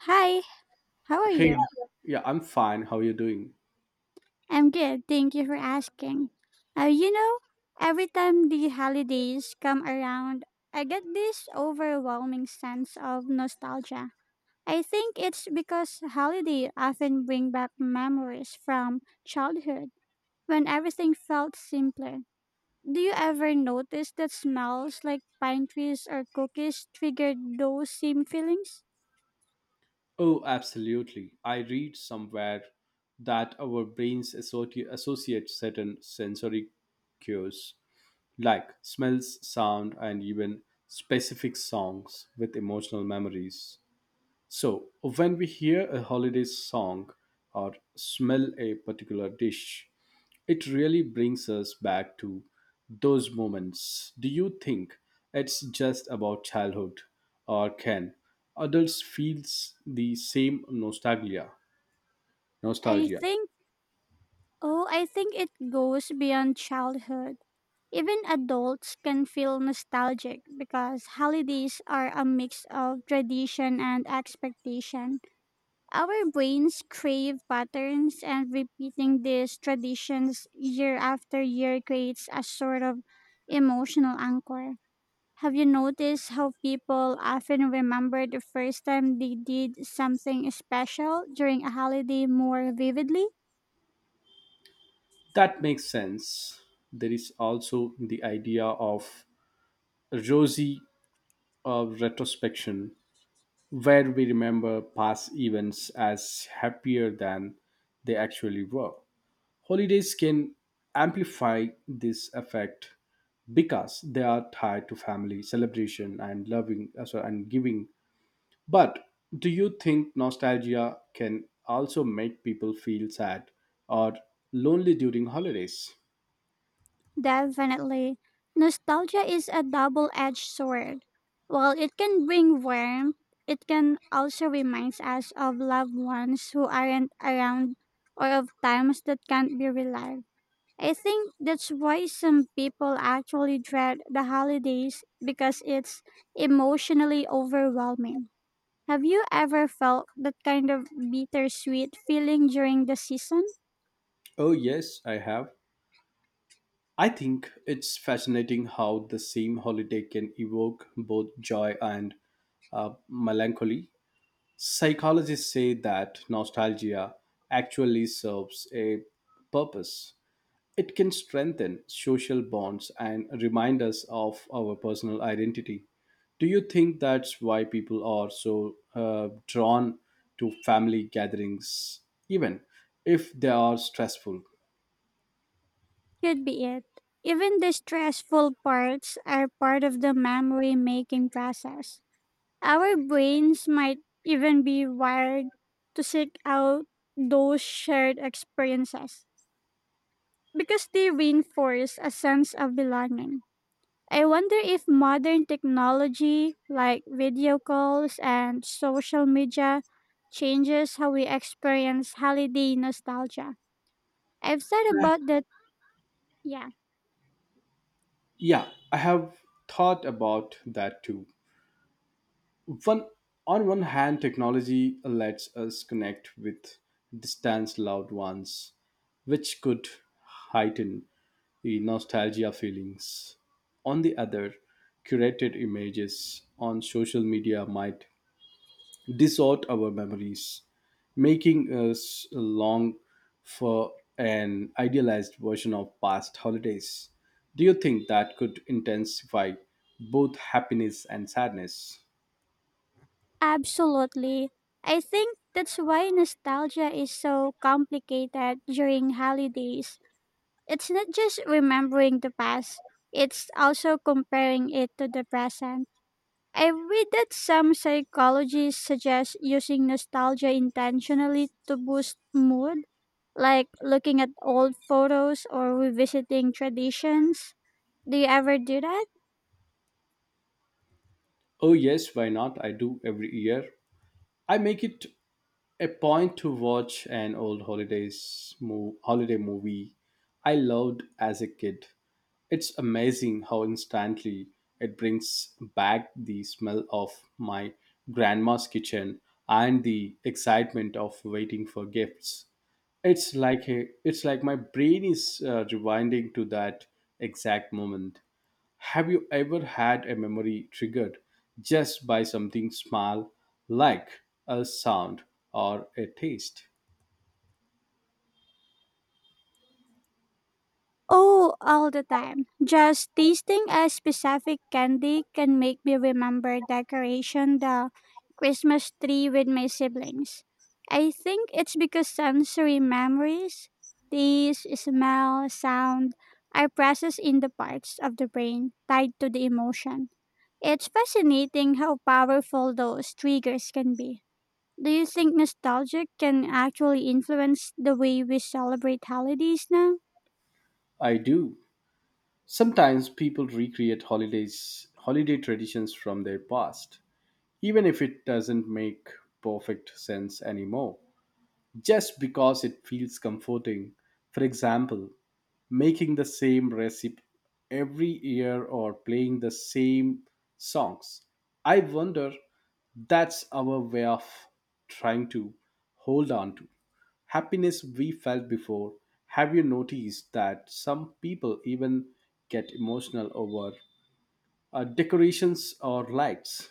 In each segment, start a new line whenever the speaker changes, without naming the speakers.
Hi, how are
Hey,
you?
yeah, I'm fine. How are you doing?
I'm good, thank you for asking. Uh, you know, every time the holidays come around, I get this overwhelming sense of nostalgia. I think it's because holiday often bring back memories from childhood when everything felt simpler. Do you ever notice that smells like pine trees or cookies triggered those same feelings?
Oh, absolutely. I read somewhere that our brains associate certain sensory cues, like smells, sound, and even specific songs, with emotional memories. So, when we hear a holiday song or smell a particular dish, it really brings us back to those moments. Do you think it's just about childhood, or can adults feel the same nostalgia?
I
Nostalgia.
think, oh, I think it goes beyond childhood. Even adults can feel nostalgic because holidays are a mix of tradition and expectation. Our brains crave patterns, and repeating these traditions year after year creates a sort of emotional anchor. Have you noticed how people often remember the first time they did something special during a holiday more vividly?
That makes sense. There is also the idea of rosy retrospection, where we remember past events as happier than they actually were. Holidays can amplify this effect because they are tied to family celebration and loving sorry, and giving. But do you think nostalgia can also make people feel sad or lonely during holidays?
Definitely. Nostalgia is a double edged sword. While it can bring warmth, it can also remind us of loved ones who aren't around or of times that can't be relived. I think that's why some people actually dread the holidays because it's emotionally overwhelming. Have you ever felt that kind of bittersweet feeling during the season?
Oh yes, I have. I think it's fascinating how the same holiday can evoke both joy and melancholy. Psychologists say that nostalgia actually serves a purpose. It can strengthen social bonds and remind us of our personal identity. Do you think that's why people are so drawn to family gatherings, even if they are stressful?
Could be it. Even the stressful parts are part of the memory making process. Our brains might even be wired to seek out those shared experiences because they reinforce a sense of belonging. I wonder if modern technology like video calls and social media changes how we experience holiday nostalgia. I've thought about that, yeah.
Yeah, I have thought about that too. One, on one hand, technology lets us connect with distant loved ones, which could heighten the nostalgia feelings. On the other, curated images on social media might distort our memories, making us long for an idealized version of past holidays. Do you think that could intensify both happiness and sadness?
Absolutely. I think that's why nostalgia is so complicated during holidays. It's not just remembering the past, it's also comparing it to the present. I read that some psychologists suggest using nostalgia intentionally to boost mood, like looking at old photos or revisiting traditions. Do you ever do that?
Oh, yes, why not? I do every year. I make it a point to watch an old holiday movie I loved as a kid. It's amazing how instantly it brings back the smell of my grandma's kitchen and the excitement of waiting for gifts. It's like it's like my brain is rewinding to that exact moment. Have you ever had a memory triggered just by something small like a sound or a taste?
Oh, all the time. Just tasting a specific candy can make me remember decoration the Christmas tree with my siblings. I think it's because sensory memories, taste, smell, sound, are processed in the parts of the brain tied to the emotion. It's fascinating how powerful those triggers can be. Do you think nostalgia can actually influence the way we celebrate holidays now?
I do. Sometimes people recreate holiday traditions from their past, even if it doesn't make perfect sense anymore, just because it feels comforting. For example, making the same recipe every year or playing the same songs. I wonder that's our way of trying to hold on to happiness we felt before. Have you noticed that some people even get emotional over decorations or lights?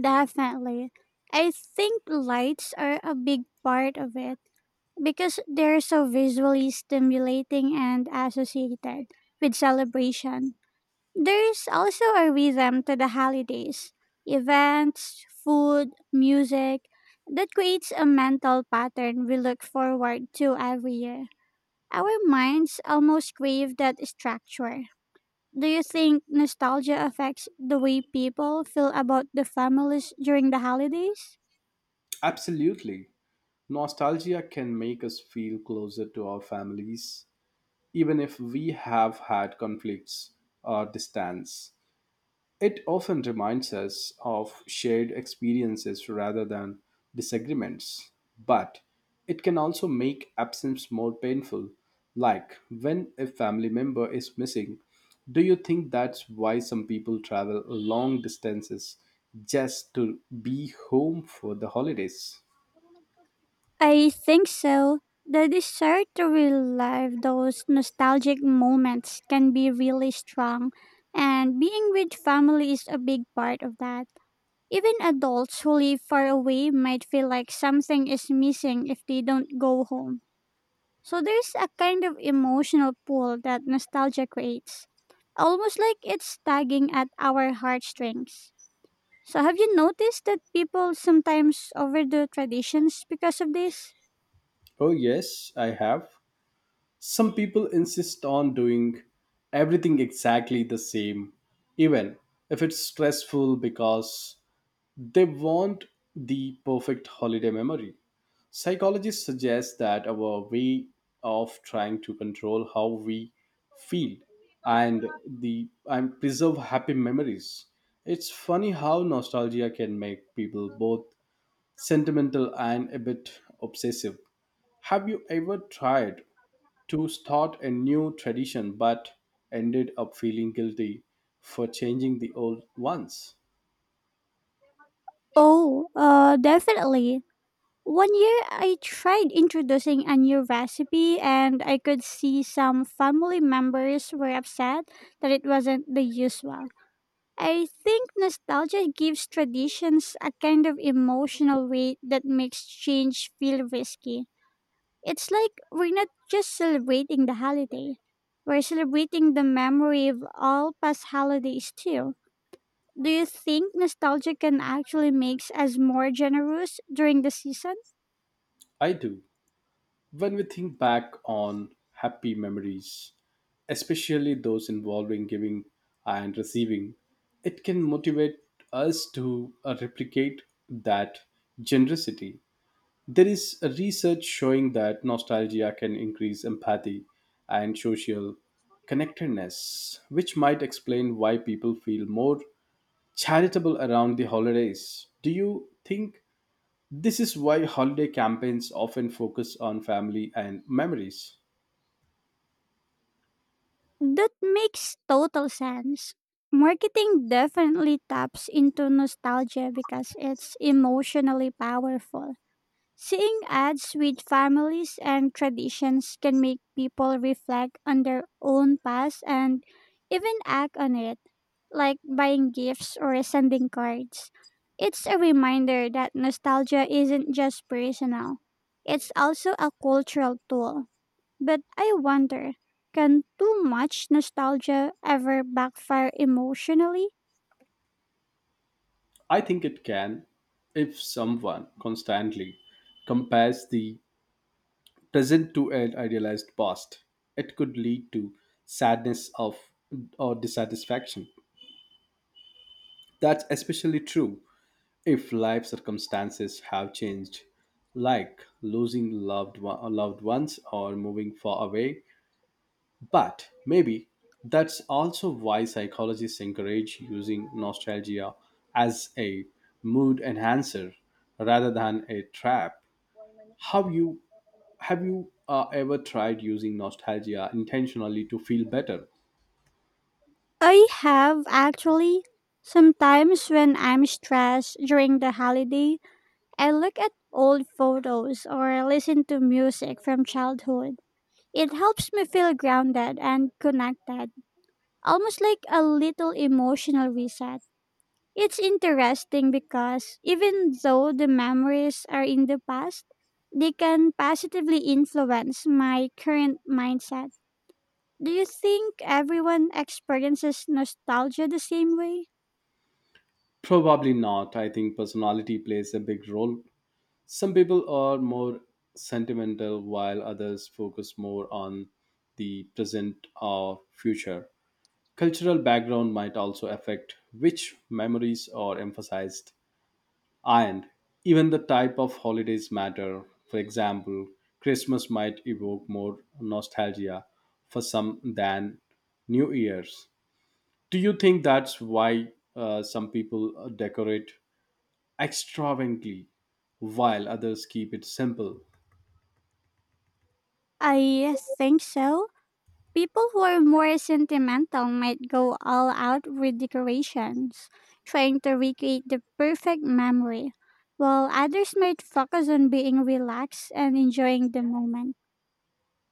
Definitely. I think lights are a big part of it because they're so visually stimulating and associated with celebration. There's also a rhythm to the holidays events, food, music that creates a mental pattern we look forward to every year. Our minds almost crave that structure. Do you think nostalgia affects the way people feel about the families during the holidays?
Absolutely. Nostalgia can make us feel closer to our families, even if we have had conflicts or distance. It often reminds us of shared experiences rather than disagreements, but it can also make absence more painful, like when a family member is missing. Do you think that's why some people travel long distances just to be home for the holidays?
I think so. The desire to relive those nostalgic moments can be really strong, and being with family is a big part of that. Even adults who live far away might feel like something is missing if they don't go home. So there's a kind of emotional pull that nostalgia creates, almost like it's tugging at our heartstrings. So, have you noticed that people sometimes overdo traditions because of this?
Oh, yes, I have. Some people insist on doing everything exactly the same, even if it's stressful because they want the perfect holiday memory. Psychologists suggest that our way of trying to control how we feel and the and preserve happy memories. It's funny how nostalgia can make people both sentimental and a bit obsessive. Have you ever tried to start a new tradition but ended up feeling guilty for changing the old ones?
Oh, Definitely. One year I tried introducing a new recipe and I could see some family members were upset that it wasn't the usual. I think nostalgia gives traditions a kind of emotional weight that makes change feel risky. It's like we're not just celebrating the holiday, we're celebrating the memory of all past holidays too. Do you think nostalgia can actually make us more generous during the season?
I do. When we think back on happy memories, especially those involving giving and receiving, it can motivate us to replicate that generosity. There is a research showing that nostalgia can increase empathy and social connectedness, which might explain why people feel more charitable around the holidays. Do you think this is why holiday campaigns often focus on family and memories?
That makes total sense. Marketing definitely taps into nostalgia because it's emotionally powerful. Seeing ads with families and traditions can make people reflect on their own past and even act on it, like buying gifts or sending cards. It's a reminder that nostalgia isn't just personal, it's also a cultural tool. But I wonder, can too much nostalgia ever backfire emotionally?
I think it can. If someone constantly compares the present to an idealized past, it could lead to sadness of or dissatisfaction. That's especially true if life circumstances have changed, like loved ones or moving far away. But maybe that's also why psychologists encourage using nostalgia as a mood enhancer rather than a trap. Have you have you ever tried using nostalgia intentionally to feel better?
I have actually. Sometimes when I'm stressed during the holidays, I look at old photos or listen to music from childhood. It helps me feel grounded and connected, almost like a little emotional reset. It's interesting because even though the memories are in the past, they can positively influence my current mindset. Do you think everyone experiences nostalgia the same way?
Probably not. I think personality plays a big role. Some people are more sentimental while others focus more on the present or future. Cultural background might also affect which memories are emphasized, and even the type of holidays matter. For example, Christmas might evoke more nostalgia for some than New Year's. Do you think that's why some people decorate extravagantly while others keep it simple?
I think so. People who are more sentimental might go all out with decorations, trying to recreate the perfect memory, while others might focus on being relaxed and enjoying the moment.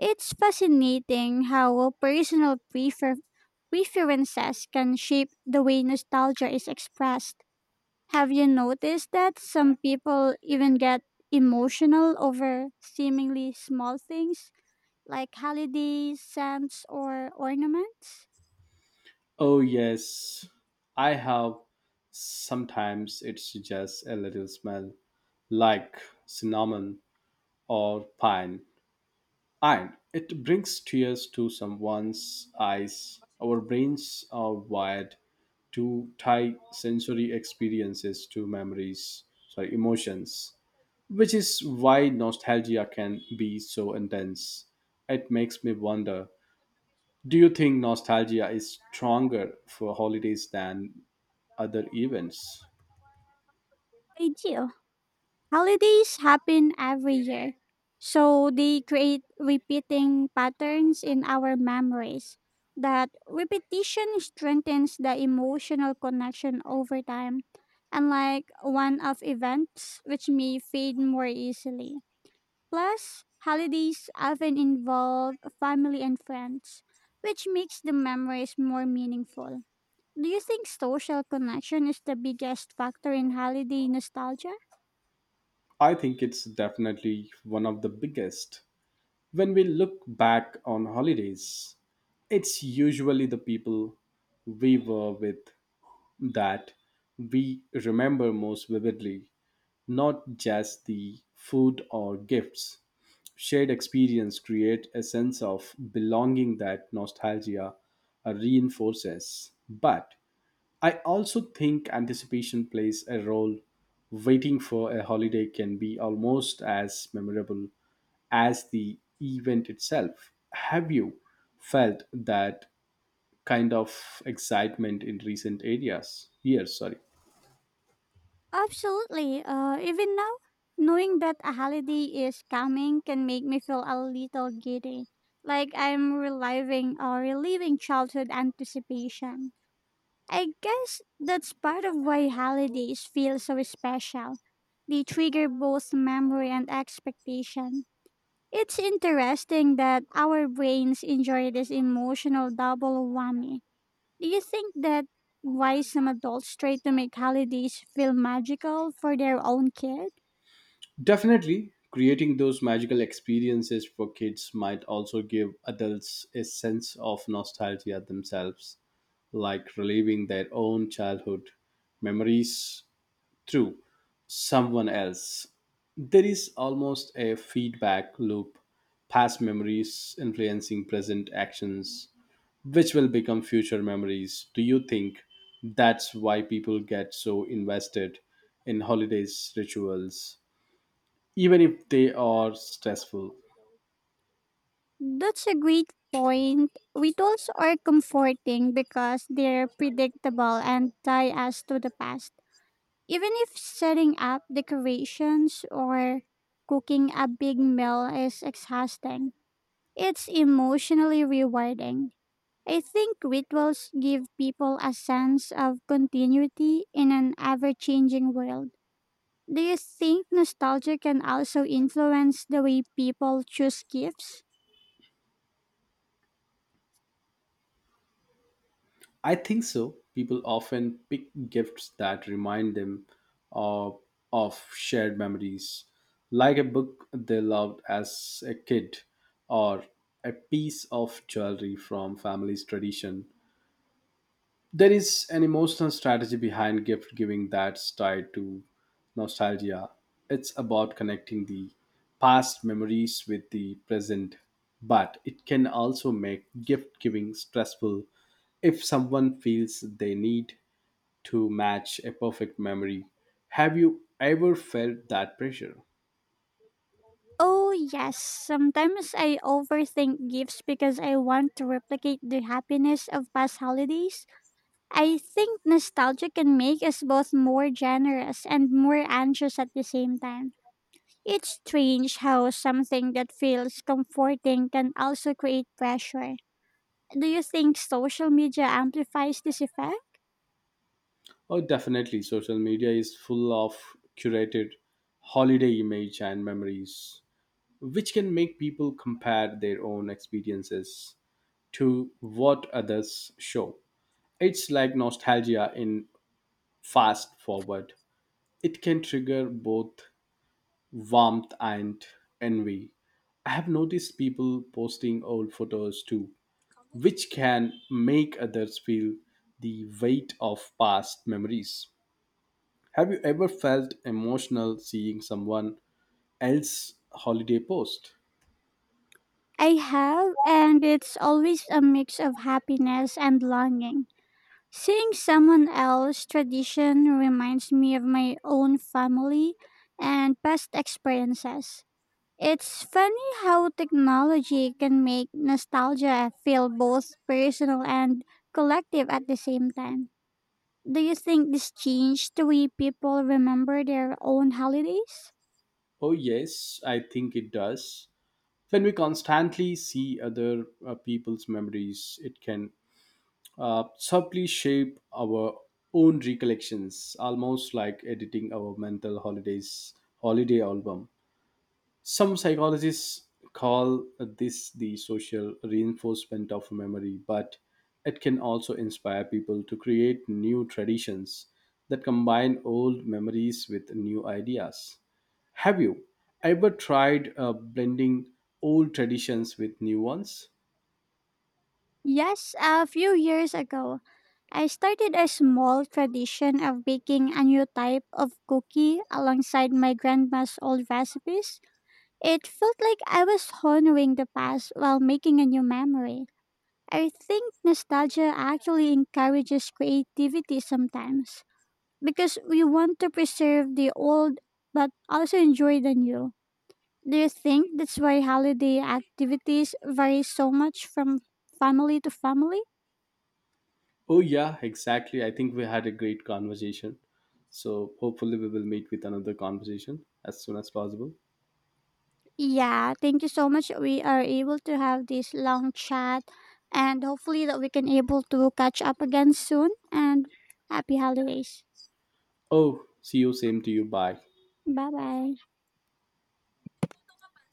It's fascinating how personal preferences can shape the way nostalgia is expressed. Have you noticed that some people even get emotional over seemingly small things, like holidays, scents or ornaments?
Oh, yes, I have. Sometimes it's just a little smell, like cinnamon or pine, and it brings tears to someone's eyes. Our brains are wired to tie sensory experiences to memories, sorry, emotions, which is why nostalgia can be so intense. It makes me wonder, do you think nostalgia is stronger for holidays than other events?
I do. Holidays happen every year, so they create repeating patterns in our memories. That repetition strengthens the emotional connection over time, unlike one off events, which may fade more easily. Plus, holidays often involve family and friends, which makes the memories more meaningful. Do you think social connection is the biggest factor in holiday nostalgia?
I think it's definitely one of the biggest. When we look back on holidays, it's usually the people we were with that we remember most vividly, not just the food or gifts. Shared experience create a sense of belonging that nostalgia reinforces. But I also think anticipation plays a role. Waiting for a holiday can be almost as memorable as the event itself. Have you felt that kind of excitement in recent areas? Years, sorry.
Absolutely. Even now, knowing that a holiday is coming can make me feel a little giddy, like I'm reliving childhood anticipation. I guess that's part of why holidays feel so special. They trigger both memory and expectation. It's interesting that our brains enjoy this emotional double whammy. Do you think that why some adults try to make holidays feel magical for their own kid?
Definitely, creating those magical experiences for kids might also give adults a sense of nostalgia themselves, like reliving their own childhood memories through someone else. There is almost a feedback loop, past memories influencing present actions which will become future memories. Do you think that's why people get so invested in holidays rituals, even if they are stressful?
That's a great point. Rituals are comforting because they're predictable and tie us to the past. Even if setting up decorations or cooking a big meal is exhausting, it's emotionally rewarding. I think rituals give people a sense of continuity in an ever changing world. Do you think nostalgia can also influence the way people choose gifts?
I think so. People often pick gifts that remind them of, of shared memories, like a book they loved as a kid or a piece of jewelry from family's tradition. There is an emotional strategy behind gift giving that's tied to nostalgia. It's about connecting the past memories with the present, but it can also make gift giving stressful if someone feels they need to match a perfect memory. Have you ever felt that pressure?
Oh, yes. Sometimes I overthink gifts because I want to replicate the happiness of past holidays. I think nostalgia can make us both more generous and more anxious at the same time. It's strange how something that feels comforting can also create pressure. Do you think social media amplifies this effect?
Oh, definitely. Social media is full of curated holiday image and memories which can make people compare their own experiences to what others show. It's like nostalgia in fast forward. It can trigger both warmth and envy. I have noticed people posting old photos too, which can make others feel the weight of past memories. Have you ever felt emotional seeing someone else's holiday post?
I have, and it's always a mix of happiness and longing. Seeing someone else's tradition reminds me of my own family and past experiences. It's funny how technology can make nostalgia feel both personal and collective at the same time. Do you think this changed the way people remember their own holidays?
Oh yes, I think it does. When we constantly see other people's memories, it can subtly shape our own recollections, almost like editing our mental holiday album. Some psychologists call this the social reinforcement of memory, but it can also inspire people to create new traditions that combine old memories with new ideas. Have you ever tried blending old traditions with new ones?
Yes, a few years ago, I started a small tradition of baking a new type of cookie alongside my grandma's old recipes. It felt like I was honoring the past while making a new memory. I think nostalgia actually encourages creativity sometimes because we want to preserve the old but also enjoy the new. Do you think that's why holiday activities vary so much from family to family?
Oh, yeah, exactly. I think we had a great conversation. So, hopefully, we will meet with another conversation as soon as possible.
Yeah, thank you so much. We are able to have this long chat and hopefully that we can able to catch up again soon and happy holidays.
Oh, see you. Same to you. Bye.
Bye bye.